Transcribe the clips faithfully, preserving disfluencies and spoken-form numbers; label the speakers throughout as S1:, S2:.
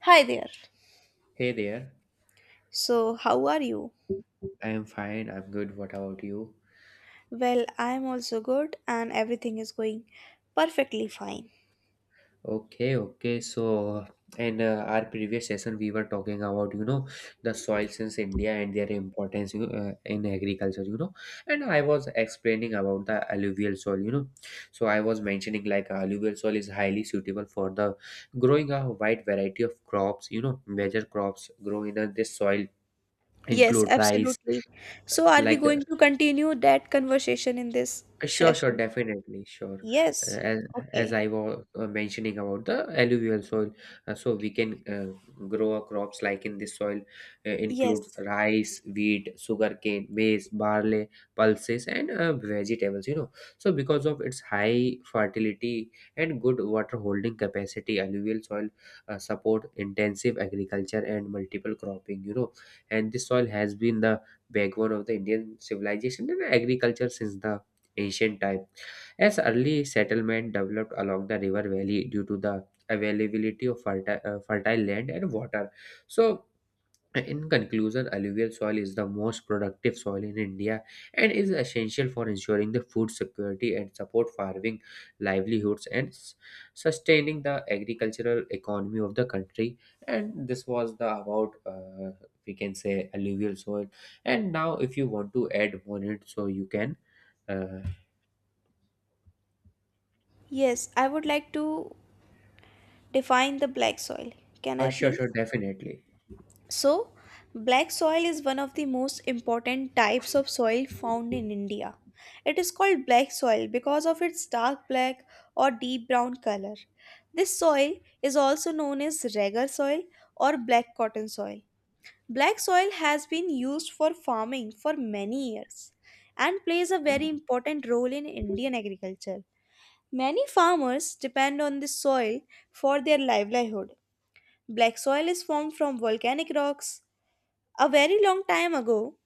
S1: Hi there.
S2: Hey there.
S1: So, how are you?
S2: I'm fine. I'm good. What about you?
S1: Well, I'm also good and everything is going perfectly fine.
S2: Okay, okay. So, in uh, our previous session, we were talking about, you know, the soils in India and their importance, you know, uh, in agriculture, you know. And I was explaining about the alluvial soil, you know. So, I was mentioning like alluvial soil is highly suitable for the growing a wide variety of crops, you know, major crops grow in uh, this soil
S1: Yes,
S2: include rice
S1: absolutely. So, are we
S2: like
S1: going to continue that conversation in this
S2: Uh, Sure, sure,
S1: session?
S2: definitely, sure. Uh,
S1: Yes.
S2: As as
S1: Okay.
S2: I was uh, mentioning about the alluvial soil, uh, so we can uh, grow our crops like in this soil uh, includes
S1: Yes.
S2: rice, wheat, sugarcane, maize, barley, pulses, and uh, vegetables. You know, so because of its high fertility and good water holding capacity, alluvial soil uh, support intensive agriculture and multiple cropping. You know, and this soil has been the backbone of the Indian civilization and agriculture since the ancient time, as early settlement developed along the river valley due to the availability of fertile, uh, fertile land and water. So, in conclusion, alluvial soil is the most productive soil in India and is essential for ensuring the food security and support farming livelihoods and s- sustaining the agricultural economy of the country. And this was the about uh, we can say, alluvial soil. And now, if you want to add more, in it so you can. Uh,
S1: Yes, I would like to define the black soil. Can
S2: Uh,
S1: I
S2: sure,
S1: please?
S2: sure, definitely.
S1: So, black soil is one of the most important types of soil found in India. It is called black soil because of its dark black or deep brown color. This soil is also known as ragar soil or black cotton soil. Black soil has been used for farming for many years and plays a very important role in Indian agriculture. Many farmers depend on this soil for their livelihood. Black soil is formed from volcanic rocks, a very long time ago,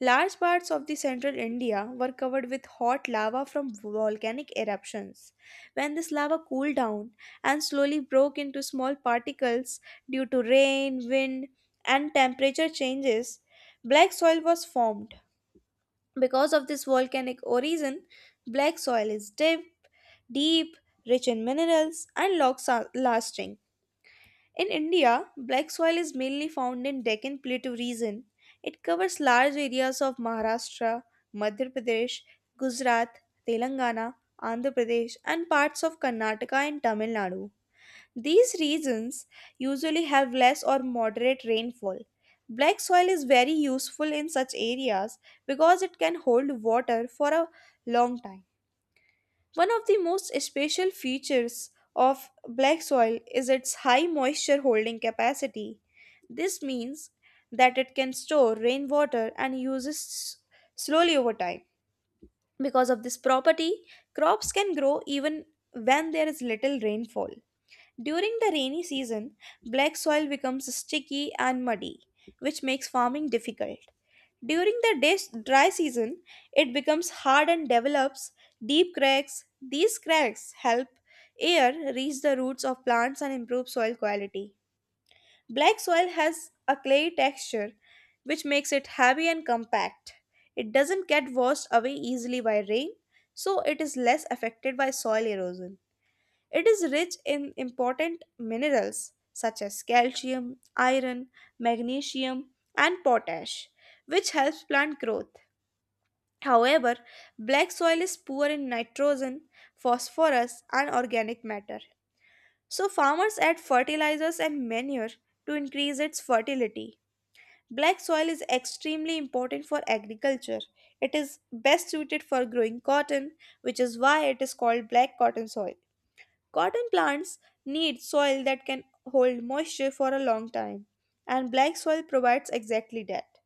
S1: large parts of the central India were covered with hot lava from volcanic eruptions. When this lava cooled down and slowly broke into small particles due to rain, wind, and temperature changes, black soil was formed. Because of this volcanic origin, black soil is deep, deep, rich in minerals, and long-lasting. In India, black soil is mainly found in Deccan Plateau region. It covers large areas of Maharashtra, Madhya Pradesh, Gujarat, Telangana, Andhra Pradesh, and parts of Karnataka and Tamil Nadu. These regions usually have less or moderate rainfall. Black soil is very useful in such areas because it can hold water for a long time. One of the most special features of black soil is its high moisture holding capacity. This means that it can store rainwater and use it s- slowly over time. Because of this property, crops can grow even when there is little rainfall. During the rainy season, black soil becomes sticky and muddy, which makes farming difficult. During the des- dry season, it becomes hard and develops deep cracks. These cracks help air reach the roots of plants and improve soil quality. Black soil has a clay texture which makes it heavy and compact. It doesn't get washed away easily by rain, so it is less affected by soil erosion. It is rich in important minerals such as calcium, iron, magnesium, and potash, which helps plant growth. However, black soil is poor in nitrogen, phosphorus, and organic matter. So, farmers add fertilizers and manure to increase its fertility. Black soil is extremely important for agriculture. It is best suited for growing cotton, which is why it is called black cotton soil. Cotton plants need soil that can hold moisture for a long time, and black soil provides exactly that.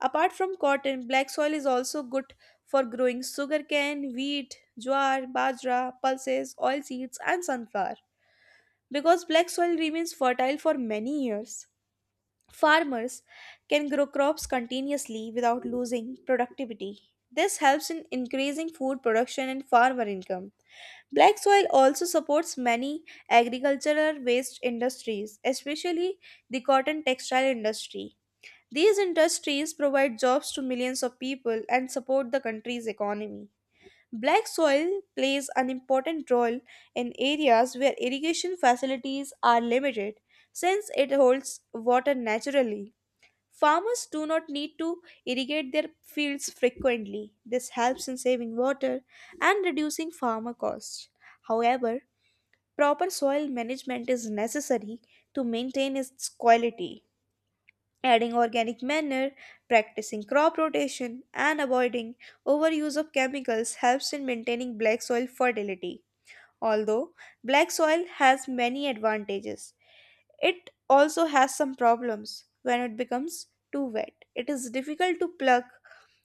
S1: Apart from cotton, black soil is also good for growing sugarcane, wheat, jowar, bajra, pulses, oilseeds, and sunflower. Because black soil remains fertile for many years, farmers can grow crops continuously without losing productivity. This helps in increasing food production and farmer income. Black soil also supports many agricultural waste industries, especially the cotton textile industry. These industries provide jobs to millions of people and support the country's economy. Black soil plays an important role in areas where irrigation facilities are limited since it holds water naturally. Farmers do not need to irrigate their fields frequently. This helps in saving water and reducing farmer costs. However, proper soil management is necessary to maintain its quality. Adding organic manure, practicing crop rotation, and avoiding overuse of chemicals helps in maintaining black soil fertility. Although black soil has many advantages, it also has some problems when it becomes too wet. It is difficult to pluck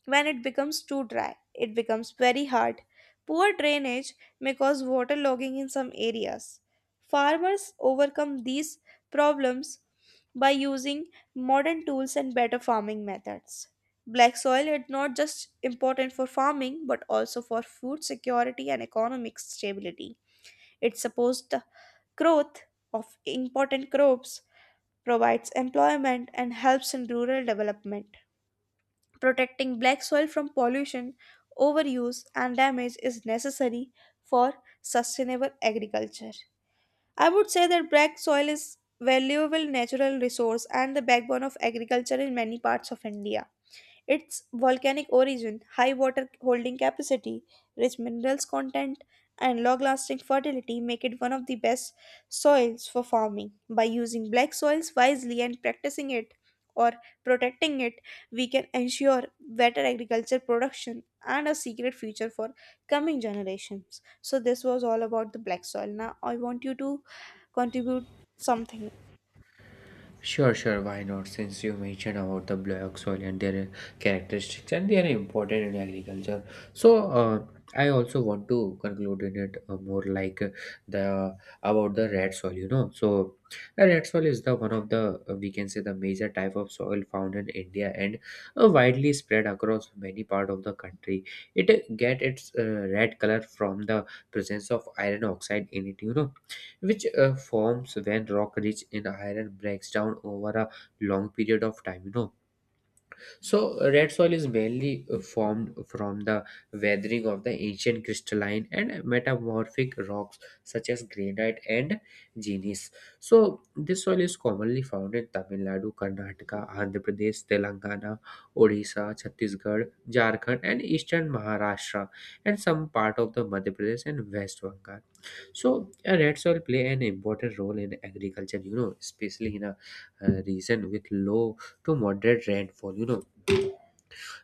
S1: when it becomes too dry, it becomes very hard. Poor drainage may cause waterlogging in some areas. Farmers overcome these problems by using modern tools and better farming methods. Black soil is not just important for farming but also for food security and economic stability. It supports the growth of important crops, provides employment, and helps in rural development. Protecting black soil from pollution, overuse, and damage is necessary for sustainable agriculture. I would say that black soil is valuable natural resource and the backbone of agriculture in many parts of India. Its volcanic origin, high water holding capacity, rich minerals content, and long lasting fertility make it one of the best soils for farming. By using black soils wisely and practicing it or protecting it, we can ensure better agriculture production and a secret future for coming generations. So, this was all about the black soil. Now, I want you to contribute something.
S2: Sure, sure, why not? Since you mentioned about the black soil and their characteristics, and they are important in agriculture. So, uh, I also want to conclude in it uh, more like uh, the about the red soil. You know, so the red soil is the one of the uh, we can say, the major type of soil found in India and uh, widely spread across many part of the country. It uh, get its uh, red color from the presence of iron oxide in it. You know which uh, forms when rock rich in iron breaks down over a long period of time, you know. So uh, red soil is mainly uh, formed from the weathering of the ancient crystalline and metamorphic rocks such as granite and gneis. So this soil is commonly found in Tamil Nadu, Karnataka, Andhra Pradesh, Telangana, Odisha, Chhattisgarh, Jharkhand, and eastern Maharashtra, and some part of the Madhya Pradesh and West Bengal. So uh, red soil play an important role in agriculture, you know, especially in a uh, region with low to moderate rainfall, you know.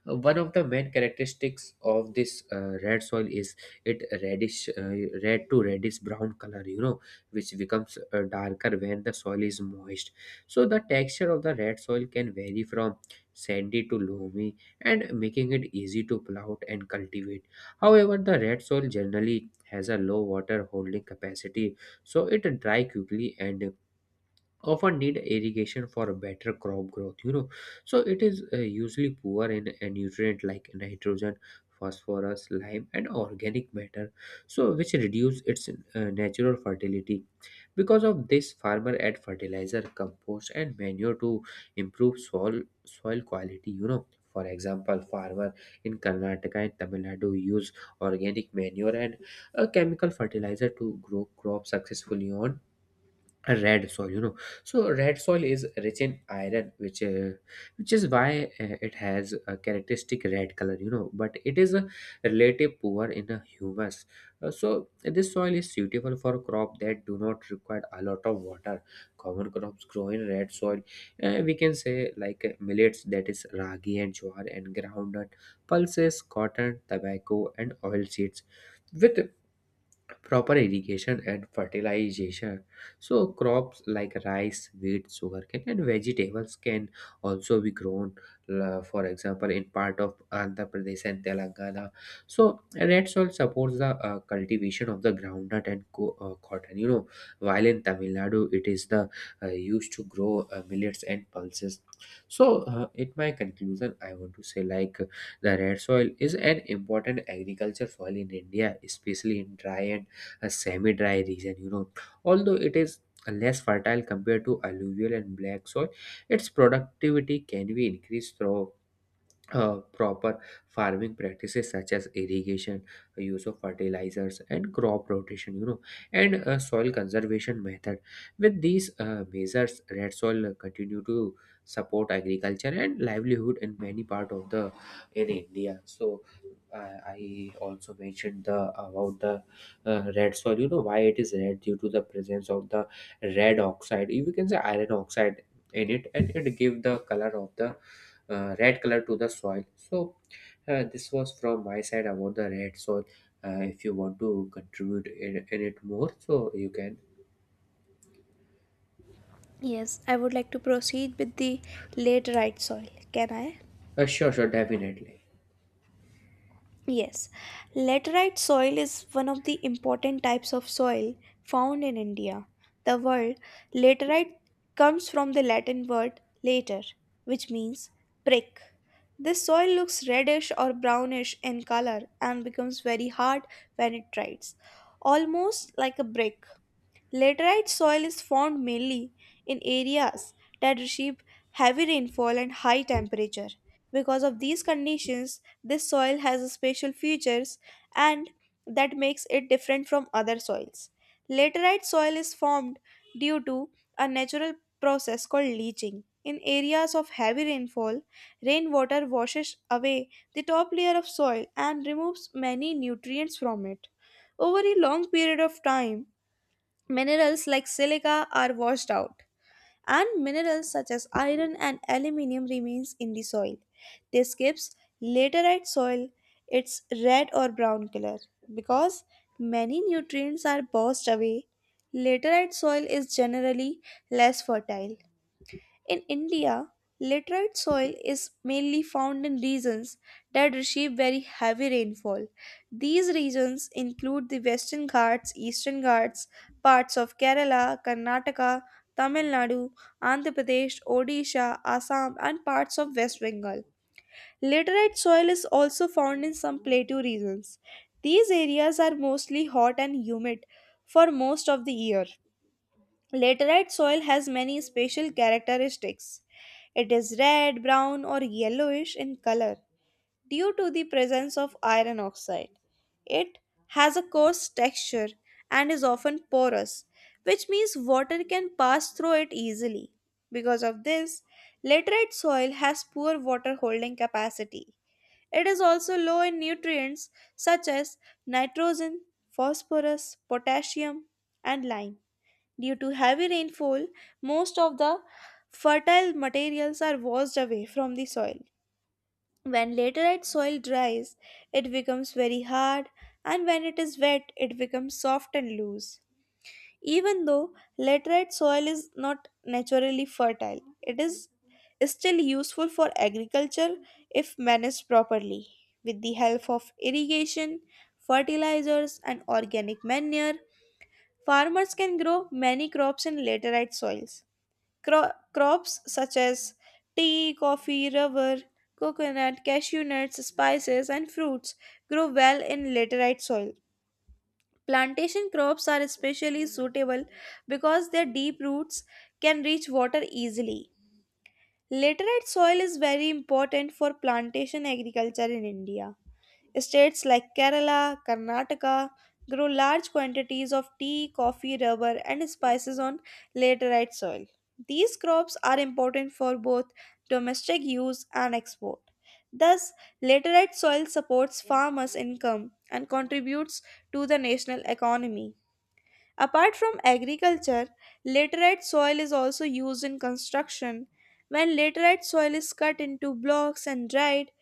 S2: uh, One of the main characteristics of this uh, red soil is it reddish, uh, red to reddish brown color, you know, which becomes uh, darker when the soil is moist. So the texture of the red soil can vary from sandy to loamy and making it easy to plow and cultivate. However, the red soil generally has a low water holding capacity, so it dry quickly and often need irrigation for better crop growth, you know. So it is uh, usually poor in a nutrient like nitrogen, phosphorus, lime, and organic matter, so which reduce its uh, natural fertility. Because of this, farmer add fertilizer, compost, and manure to improve soil soil quality, you know. For example, farmer in Karnataka and Tamil Nadu use organic manure and a chemical fertilizer to grow crops successfully on a red soil, you know. So red soil is rich in iron which uh, which is why uh, it has a characteristic red color, you know, but it is a relative poor in a humus. Uh, so this soil is suitable for crop that do not require a lot of water. Common crops grow in red soil, Uh, we can say, like uh, millets, that is ragi and jowar, and groundnut, pulses, cotton, tobacco, and oil seeds. With proper irrigation and fertilization, so crops like rice, wheat, sugarcane, and vegetables can also be grown. Uh, for example, in part of Andhra Pradesh and Telangana, so red soil supports the uh, cultivation of the groundnut and co- uh, cotton, you know, while in Tamil Nadu it is the uh, used to grow uh, millets and pulses. So uh, in my conclusion, I want to say like the red soil is an important agriculture soil in India, especially in dry and a semi-dry region, you know. Although it is less fertile compared to alluvial and black soil, its productivity can be increased through uh, proper farming practices such as irrigation, use of fertilizers, and crop rotation, you know. And uh, soil conservation method. With these uh, measures, red soil continue to support agriculture and livelihood in many part of the in India. So uh, I also mentioned the about the uh, red soil, you know, why it is red due to the presence of the red oxide, you can say iron oxide, in it, and it give the color of the uh, red color to the soil. So uh, this was from my side about the red soil. Uh, if you want to contribute in, in it more so you can.
S1: Yes, I would like to proceed with the late right soil. Can I?
S2: Uh, sure, sure, definitely.
S1: Yes, laterite soil is one of the important types of soil found in India. The word laterite comes from the Latin word later, which means prick. This soil looks reddish or brownish in color and becomes very hard when it dries, almost like a brick. Laterite soil is found mainly in areas that receive heavy rainfall and high temperature. Because of these conditions, this soil has special features and that makes it different from other soils. Laterite soil is formed due to a natural process called leaching. In areas of heavy rainfall, rainwater washes away the top layer of soil and removes many nutrients from it. Over a long period of time, minerals like silica are washed out, and minerals such as iron and aluminium remains in the soil. This gives laterite soil its red or brown color. Because many nutrients are washed away, laterite soil is generally less fertile. In India, laterite soil is mainly found in regions that receive very heavy rainfall. These regions include the Western Ghats, Eastern Ghats, parts of Kerala, Karnataka, Tamil Nadu, Andhra Pradesh, Odisha, Assam, and parts of West Bengal. Laterite soil is also found in some plateau regions. These areas are mostly hot and humid for most of the year. Laterite soil has many special characteristics. It is red, brown, or yellowish in color due to the presence of iron oxide. It has a coarse texture and is often porous, which means water can pass through it easily. Because of this, laterite soil has poor water holding capacity. It is also low in nutrients such as nitrogen, phosphorus, potassium, and lime. Due to heavy rainfall, most of the fertile materials are washed away from the soil. When laterite soil dries, it becomes very hard, and when it is wet, it becomes soft and loose. Even though laterite soil is not naturally fertile, it is still useful for agriculture if managed properly. With the help of irrigation, fertilizers, and organic manure, farmers can grow many crops in laterite soils. Cro- crops such as tea, coffee, rubber, coconut, cashew nuts, spices, and fruits grow well in laterite soil. Plantation crops are especially suitable because their deep roots can reach water easily. Laterite soil is very important for plantation agriculture in India. States like Kerala, Karnataka grow large quantities of tea, coffee, rubber, and spices on laterite soil. These crops are important for both domestic use and export. Thus, laterite soil supports farmers' income and contributes to the national economy. Apart from agriculture, laterite soil is also used in construction. When laterite soil is cut into blocks and dried,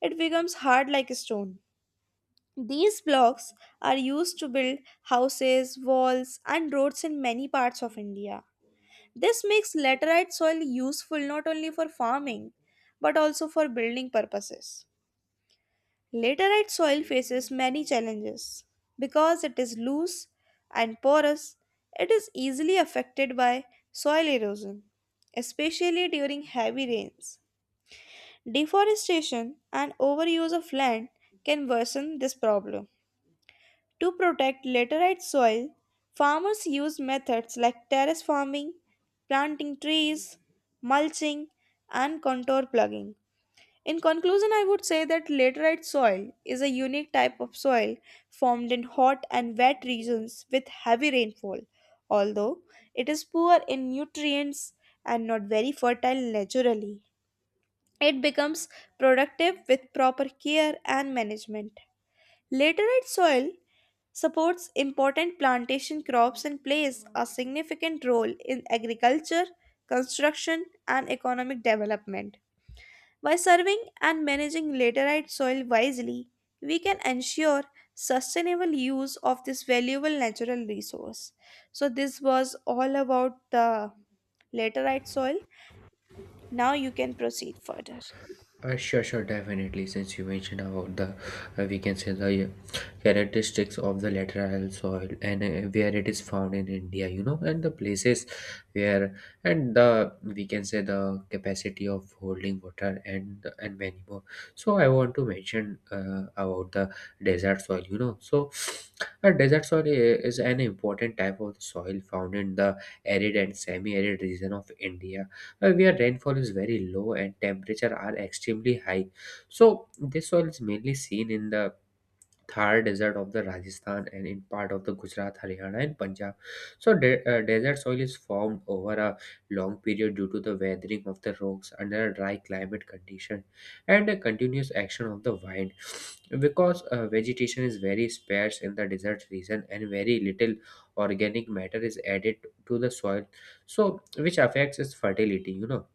S1: it becomes hard like stone. These blocks are used to build houses, walls, and roads in many parts of India. This makes laterite soil useful not only for farming but also for building purposes. Laterite soil faces many challenges. Because it is loose and porous, it is easily affected by soil erosion, especially during heavy rains. Deforestation and overuse of land can worsen this problem. To protect laterite soil, farmers use methods like terrace farming, planting trees, mulching, and contour plugging. In conclusion, I would say that laterite soil is a unique type of soil formed in hot and wet regions with heavy rainfall. Although it is poor in nutrients and not very fertile naturally, it becomes productive with proper care and management. Laterite soil supports important plantation crops and plays a significant role in agriculture, construction, and economic development. By serving and managing laterite soil wisely, we can ensure sustainable use of this valuable natural resource. So, this was all about the laterite soil. Now, you can proceed further.
S2: Uh, sure, sure, definitely. Since you mentioned about the, uh, we can say the uh, characteristics of the lateral soil and uh, where it is found in India, you know, and the places where and the, we can say, the capacity of holding water and and many more. So I want to mention uh, about the desert soil, you know. So a desert soil i- is an important type of soil found in the arid and semi-arid region of India, uh, where rainfall is very low and temperature are extremely high. So this soil is mainly seen in the Thar desert of the Rajasthan and in part of the Gujarat, Haryana, and Punjab. So de- uh, desert soil is formed over a long period due to the weathering of the rocks under a dry climate condition and a continuous action of the wind. Because uh, vegetation is very sparse in the desert region and very little organic matter is added to the soil, so which affects its fertility. You know,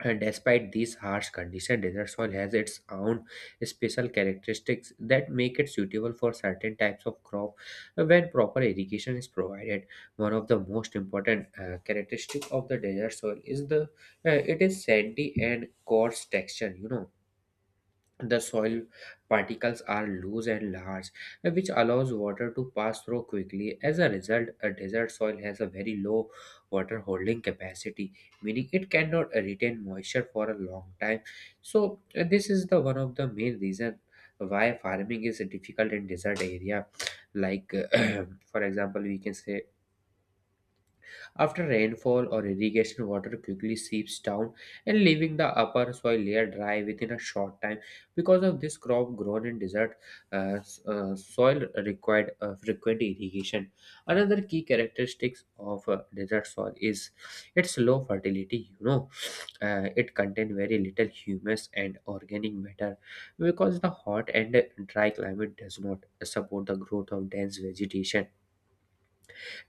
S2: and despite these harsh conditions, desert soil has its own special characteristics that make it suitable for certain types of crop uh, when proper irrigation is provided. One of the most important uh, characteristic of the desert soil is the uh, it is sandy and coarse texture. You know, the soil particles are loose and large, which allows water to pass through quickly. As a result, a desert soil has a very low water holding capacity, meaning it cannot retain moisture for a long time. So, uh, this is the one of the main reason why farming is difficult in desert area. Like, for example, we can say after rainfall or irrigation, water quickly seeps down and leaving the upper soil layer dry within a short time. Because of this, crop grown in desert uh, s- uh, soil required uh, frequent irrigation. Another key characteristics of uh, desert soil is its low fertility. You know, uh, it contains very little humus and organic matter because the hot and dry climate does not support the growth of dense vegetation.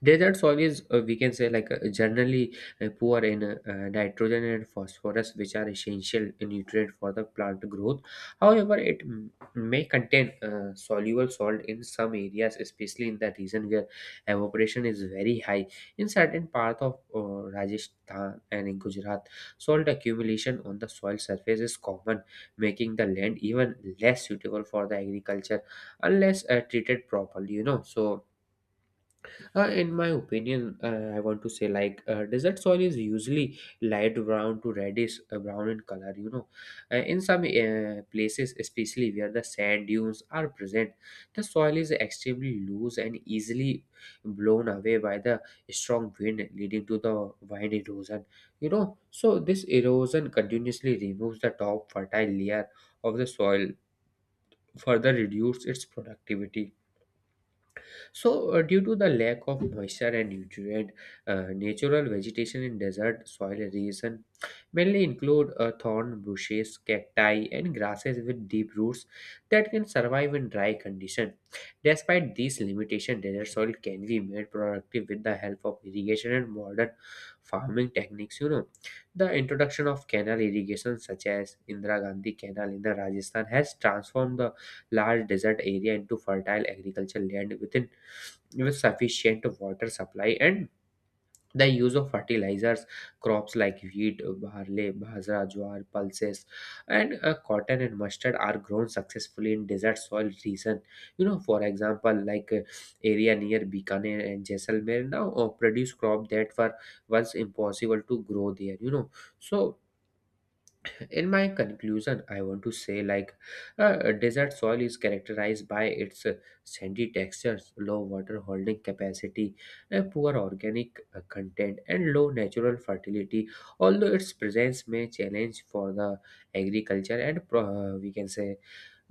S2: Desert soil is, uh, we can say, like uh, generally uh, poor in uh, uh, nitrogen and phosphorus, which are essential nutrient for the plant growth. However, it m- may contain uh, soluble salt in some areas, especially in the region where evaporation is very high. In certain parts of uh, Rajasthan and in Gujarat, salt accumulation on the soil surface is common, making the land even less suitable for the agriculture unless uh, treated properly. You know, so uh, in my opinion, uh, I want to say like uh, desert soil is usually light brown to reddish uh, brown in color. You know, uh, in some uh, places, especially where the sand dunes are present, the soil is extremely loose and easily blown away by the strong wind, leading to the wind erosion. You know, so this erosion continuously removes the top fertile layer of the soil, further reduce its productivity. So, uh, due to the lack of moisture and nutrient, uh, natural vegetation in desert soil region mainly include uh, thorn bushes, cacti, and grasses with deep roots that can survive in dry condition. Despite these limitations, desert soil can be made productive with the help of irrigation and modern farming techniques. You know, the introduction of canal irrigation, such as Indira Gandhi Canal in the Rajasthan, has transformed the large desert area into fertile agricultural land within with sufficient water supply and the use of fertilizers, crops like wheat, barley, bajra, jowar, pulses, and uh, cotton and mustard are grown successfully in desert soil region. You know, for example, like uh, area near bikaner and jaisalmer now uh, produce crop that were once impossible to grow there, you know. So in my conclusion I want to say, like uh, desert soil is characterized by its uh, sandy textures, low water holding capacity, uh, poor organic uh, content, and low natural fertility. Although its presence may challenge for the agriculture and pro- uh, we can say,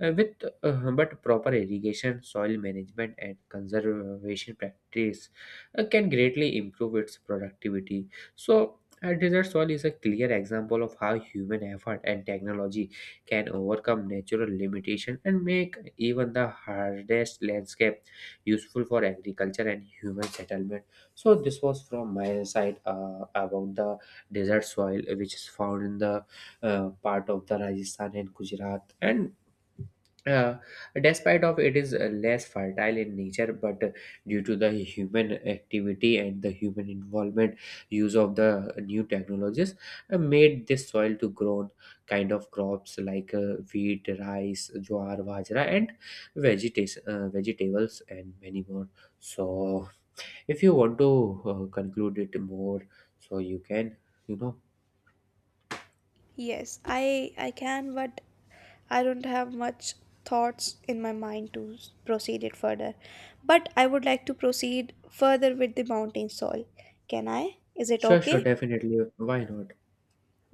S2: uh, with uh, but proper irrigation, soil management, and conservation practice uh, can greatly improve its productivity. So, uh, desert soil is a clear example of how human effort and technology can overcome natural limitation and make even the hardest landscape useful for agriculture and human settlement. So, this was from my side uh, about the desert soil, which is found in the uh, part of the Rajasthan and Gujarat, and uh, despite of it is uh, less fertile in nature, but uh, due to the human activity and the human involvement, use of the new technologies, uh, made this soil to grow on kind of crops like uh, wheat, rice, jowar, bajra, and vegetables, uh, vegetables and many more. So, if you want to uh, conclude it more, so you can, you know.
S1: Yes, I I can, but I don't have much thoughts in my mind to s- proceed it further. But I would like to proceed further with the mountain soil. Can I? Is it
S2: Sure, sure,
S1: okay?
S2: definitely, why not.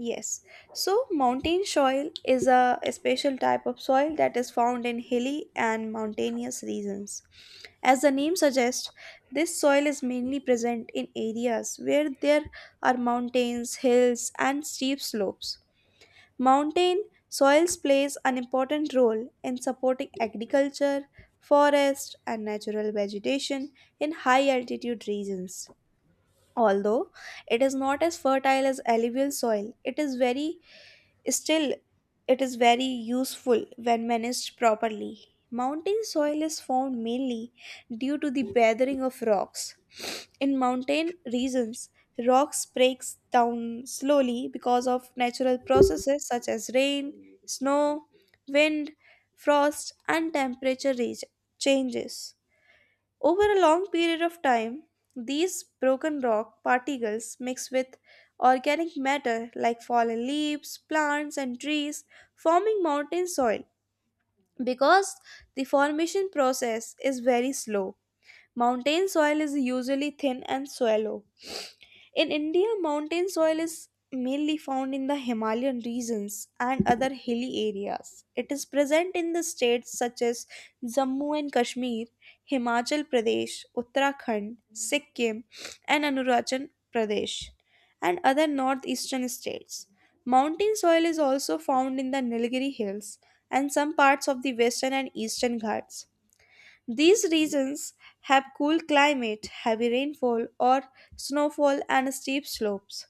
S1: Yes. So, mountain soil is a, a special type of soil that is found in hilly and mountainous regions. As the name suggests, this soil is mainly present in areas where there are mountains, hills, and steep slopes. Mountain soils plays an important role in supporting agriculture, forest and natural vegetation in high altitude regions. Although it is not as fertile as alluvial soil, it is very Still, it is very useful when managed properly. Mountain soil is formed mainly due to the weathering of rocks. In mountain regions, rocks breaks down slowly because of natural processes such as rain, snow, wind, frost, and temperature re- changes. Over a long period of time, these broken rock particles mix with organic matter like fallen leaves, plants, and trees, forming mountain soil. Because the formation process is very slow, mountain soil is usually thin and shallow. In India, mountain soil is mainly found in the Himalayan regions and other hilly areas. It is present in the states such as Jammu and Kashmir, Himachal Pradesh, Uttarakhand, Sikkim, and Anurachal Pradesh, and other northeastern states. Mountain soil is also found in the Nilgiri Hills and some parts of the western and eastern Ghats. These regions have cool climate, heavy rainfall or snowfall and steep slopes.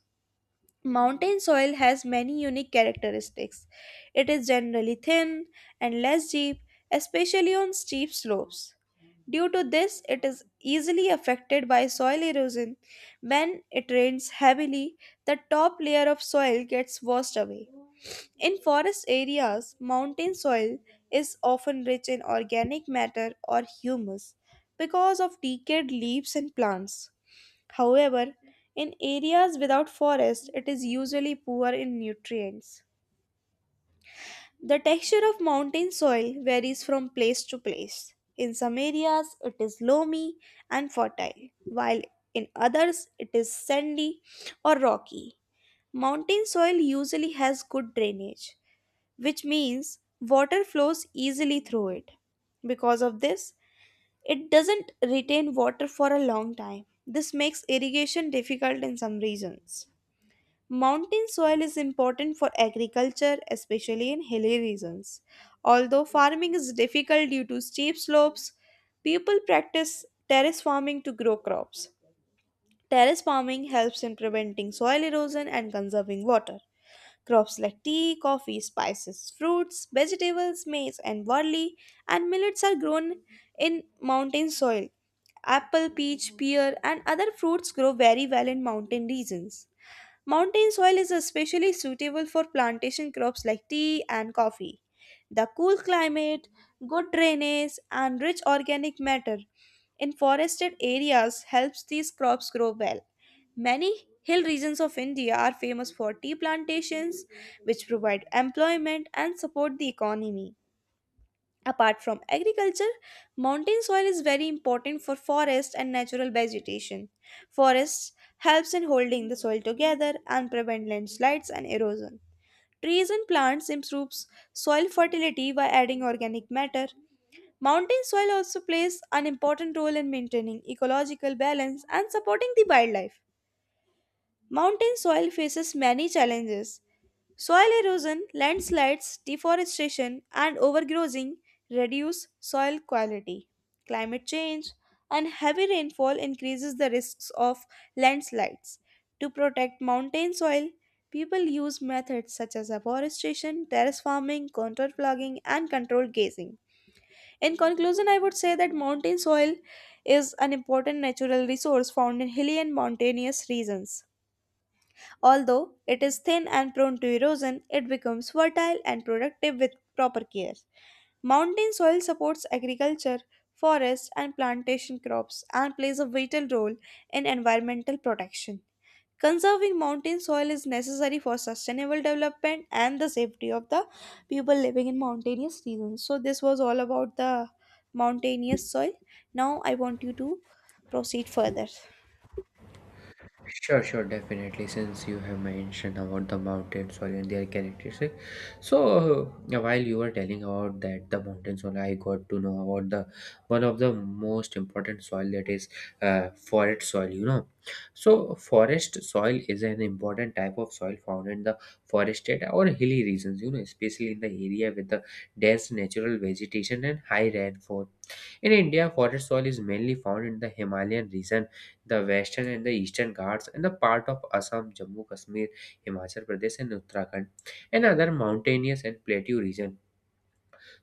S1: Mountain soil has many unique characteristics. It is generally thin and less deep, especially on steep slopes. Due to this, it is easily affected by soil erosion. When it rains heavily, the top layer of soil gets washed away. In forest areas, mountain soil is often rich in organic matter or humus because of decayed leaves and plants. However, in areas without forest, it is usually poor in nutrients. The texture of mountain soil varies from place to place. In some areas, it is loamy and fertile, while in others, it is sandy or rocky. Mountain soil usually has good drainage which means water flows easily through it. Because of this, it doesn't retain water for a long time. This makes irrigation difficult in some regions. Mountain soil is important for agriculture, especially in hilly regions. Although farming is difficult due to steep slopes, people practice terrace farming to grow crops. Terrace farming helps in preventing soil erosion and conserving water. Crops like tea, coffee, spices, fruits, vegetables, maize, and barley, and millets are grown in mountain soil. Apple, peach, pear, and other fruits grow very well in mountain regions. Mountain soil is especially suitable for plantation crops like tea and coffee. The cool climate, good drainage, and rich organic matter in forested areas helps these crops grow well. Many hill regions of India are famous for tea plantations, which provide employment and support the economy. Apart from agriculture, mountain soil is very important for forest and natural vegetation. Forests helps in holding the soil together and prevent landslides and erosion. Trees and plants improves soil fertility by adding organic matter. Mountain soil also plays an important role in maintaining ecological balance and supporting the wildlife. Mountain soil faces many challenges. Soil erosion, landslides, deforestation, and overgrazing reduce soil quality. Climate change and heavy rainfall increases the risks of landslides. To protect mountain soil, people use methods such as afforestation, terrace farming, contour flogging, and controlled grazing. In conclusion, I would say that mountain soil is an important natural resource found in hilly and mountainous regions. Although it is thin and prone to erosion, it becomes fertile and productive with proper care. Mountain soil supports agriculture, forest, and plantation crops and plays a vital role in environmental protection. Conserving mountain soil is necessary for sustainable development and the safety of the people living in mountainous regions. So, this was all about the mountainous soil. Now, I want you to proceed further.
S2: Sure, sure, definitely. Since you have mentioned about the mountain soil and their characteristics, so uh, while you were telling about that the mountain soil, I got to know about the one of the most important soil that is uh, forest soil. You know, so forest soil is an important type of soil found in the forested or hilly regions. You know, especially in the area with the dense natural vegetation and high rainfall. In India, forest soil is mainly found in the Himalayan region, the Western and the Eastern Ghats and the part of Assam, Jammu, Kashmir, Himachal Pradesh and Uttarakhand, and other mountainous and plateau region.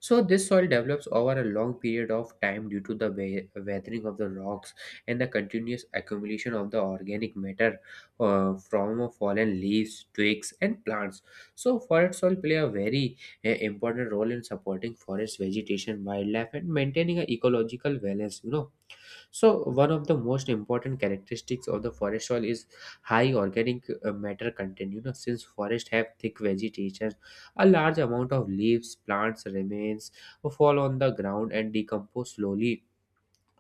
S2: So this soil develops over a long period of time due to the we- weathering of the rocks and the continuous accumulation of the organic matter uh, from fallen leaves, twigs and plants. So forest soil play a very uh, important role in supporting forest vegetation, wildlife and maintaining an ecological balance, you know. So, one of the most important characteristics of the forest soil is high organic uh, matter content. You know, since forests have thick vegetation, a large amount of leaves, plants, remains fall on the ground and decompose slowly,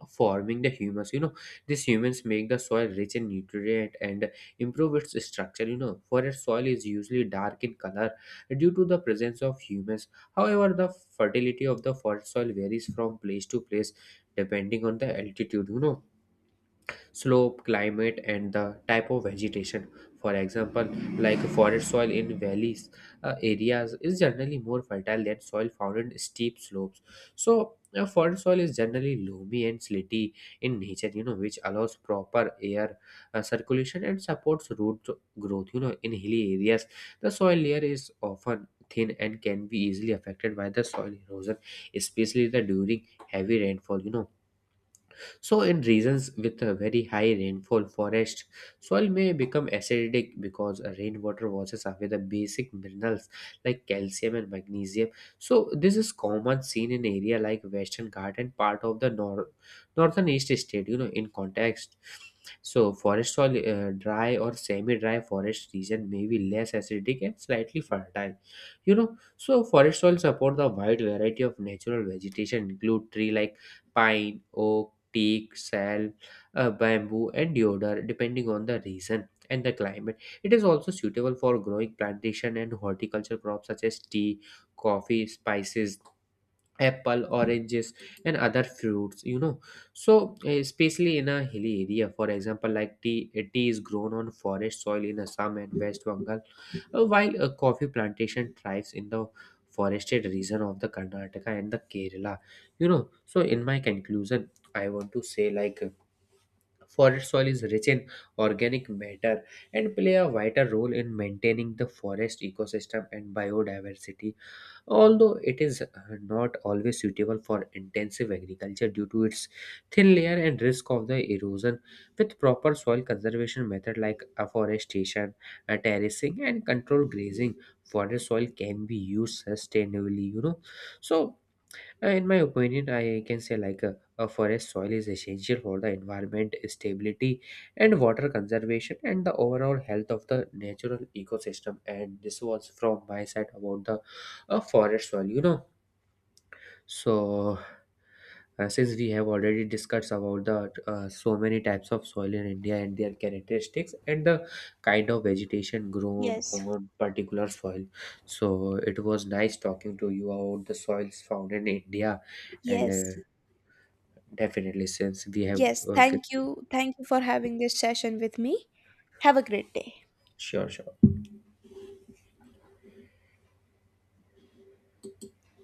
S2: forming the humus. You know, these humans make the soil rich in nutrient and improve its structure. You know, forest soil is usually dark in color due to the presence of humus. However, the fertility of the forest soil varies from place to place depending on the altitude, you know, slope, climate, and the type of vegetation. For example, like forest soil in valleys uh, areas is generally more fertile than soil found in steep slopes. So, uh, forest soil is generally loamy and slaty in nature, you know, which allows proper air uh, circulation and supports root growth. You know, in hilly areas, the soil layer is often thin and can be easily affected by the soil erosion, especially the during heavy rainfall, you know. So, in regions with a very high rainfall forest, soil may become acidic because rainwater washes away the basic minerals like calcium and magnesium. So, this is common seen in area like Western Ghat and part of the nor- northern east state, you know, in context. So, forest soil, uh, dry or semi-dry forest region may be less acidic and slightly fertile. You know, so forest soil support the wide variety of natural vegetation, include tree like pine, oak, teak, sal, uh, bamboo, and deodar, depending on the region and the climate. It is also suitable for growing plantation and horticulture crops such as tea, coffee, spices, apple, oranges and other fruits, you know. So especially in a hilly area, for example, like tea uh, tea is grown on forest soil in Assam and West Bengal, uh, while a coffee plantation thrives in the forested region of the Karnataka and the Kerala, you know. So in my conclusion I want to say, like uh, forest soil is rich in organic matter and play a vital role in maintaining the forest ecosystem and biodiversity. Although it is uh, not always suitable for intensive agriculture due to its thin layer and risk of the erosion, with proper soil conservation method like afforestation, uh, terracing, and controlled grazing, water soil can be used sustainably. You know, so uh, in my opinion, I can say like a, a forest soil is essential for the environment stability and water conservation and the overall health of the natural ecosystem. And this was from my side about the uh, forest soil, you know. So, uh, since we have already discussed about the uh, so many types of soil in India and their characteristics and the kind of vegetation grown
S1: Yes,
S2: on particular soil, so it was nice talking to you about the soils found in India, and
S1: yes.
S2: uh, definitely since we have
S1: Yes,
S2: uh, g-
S1: thank you. Thank you for having this session with me. Have a great day.
S2: sure, sure.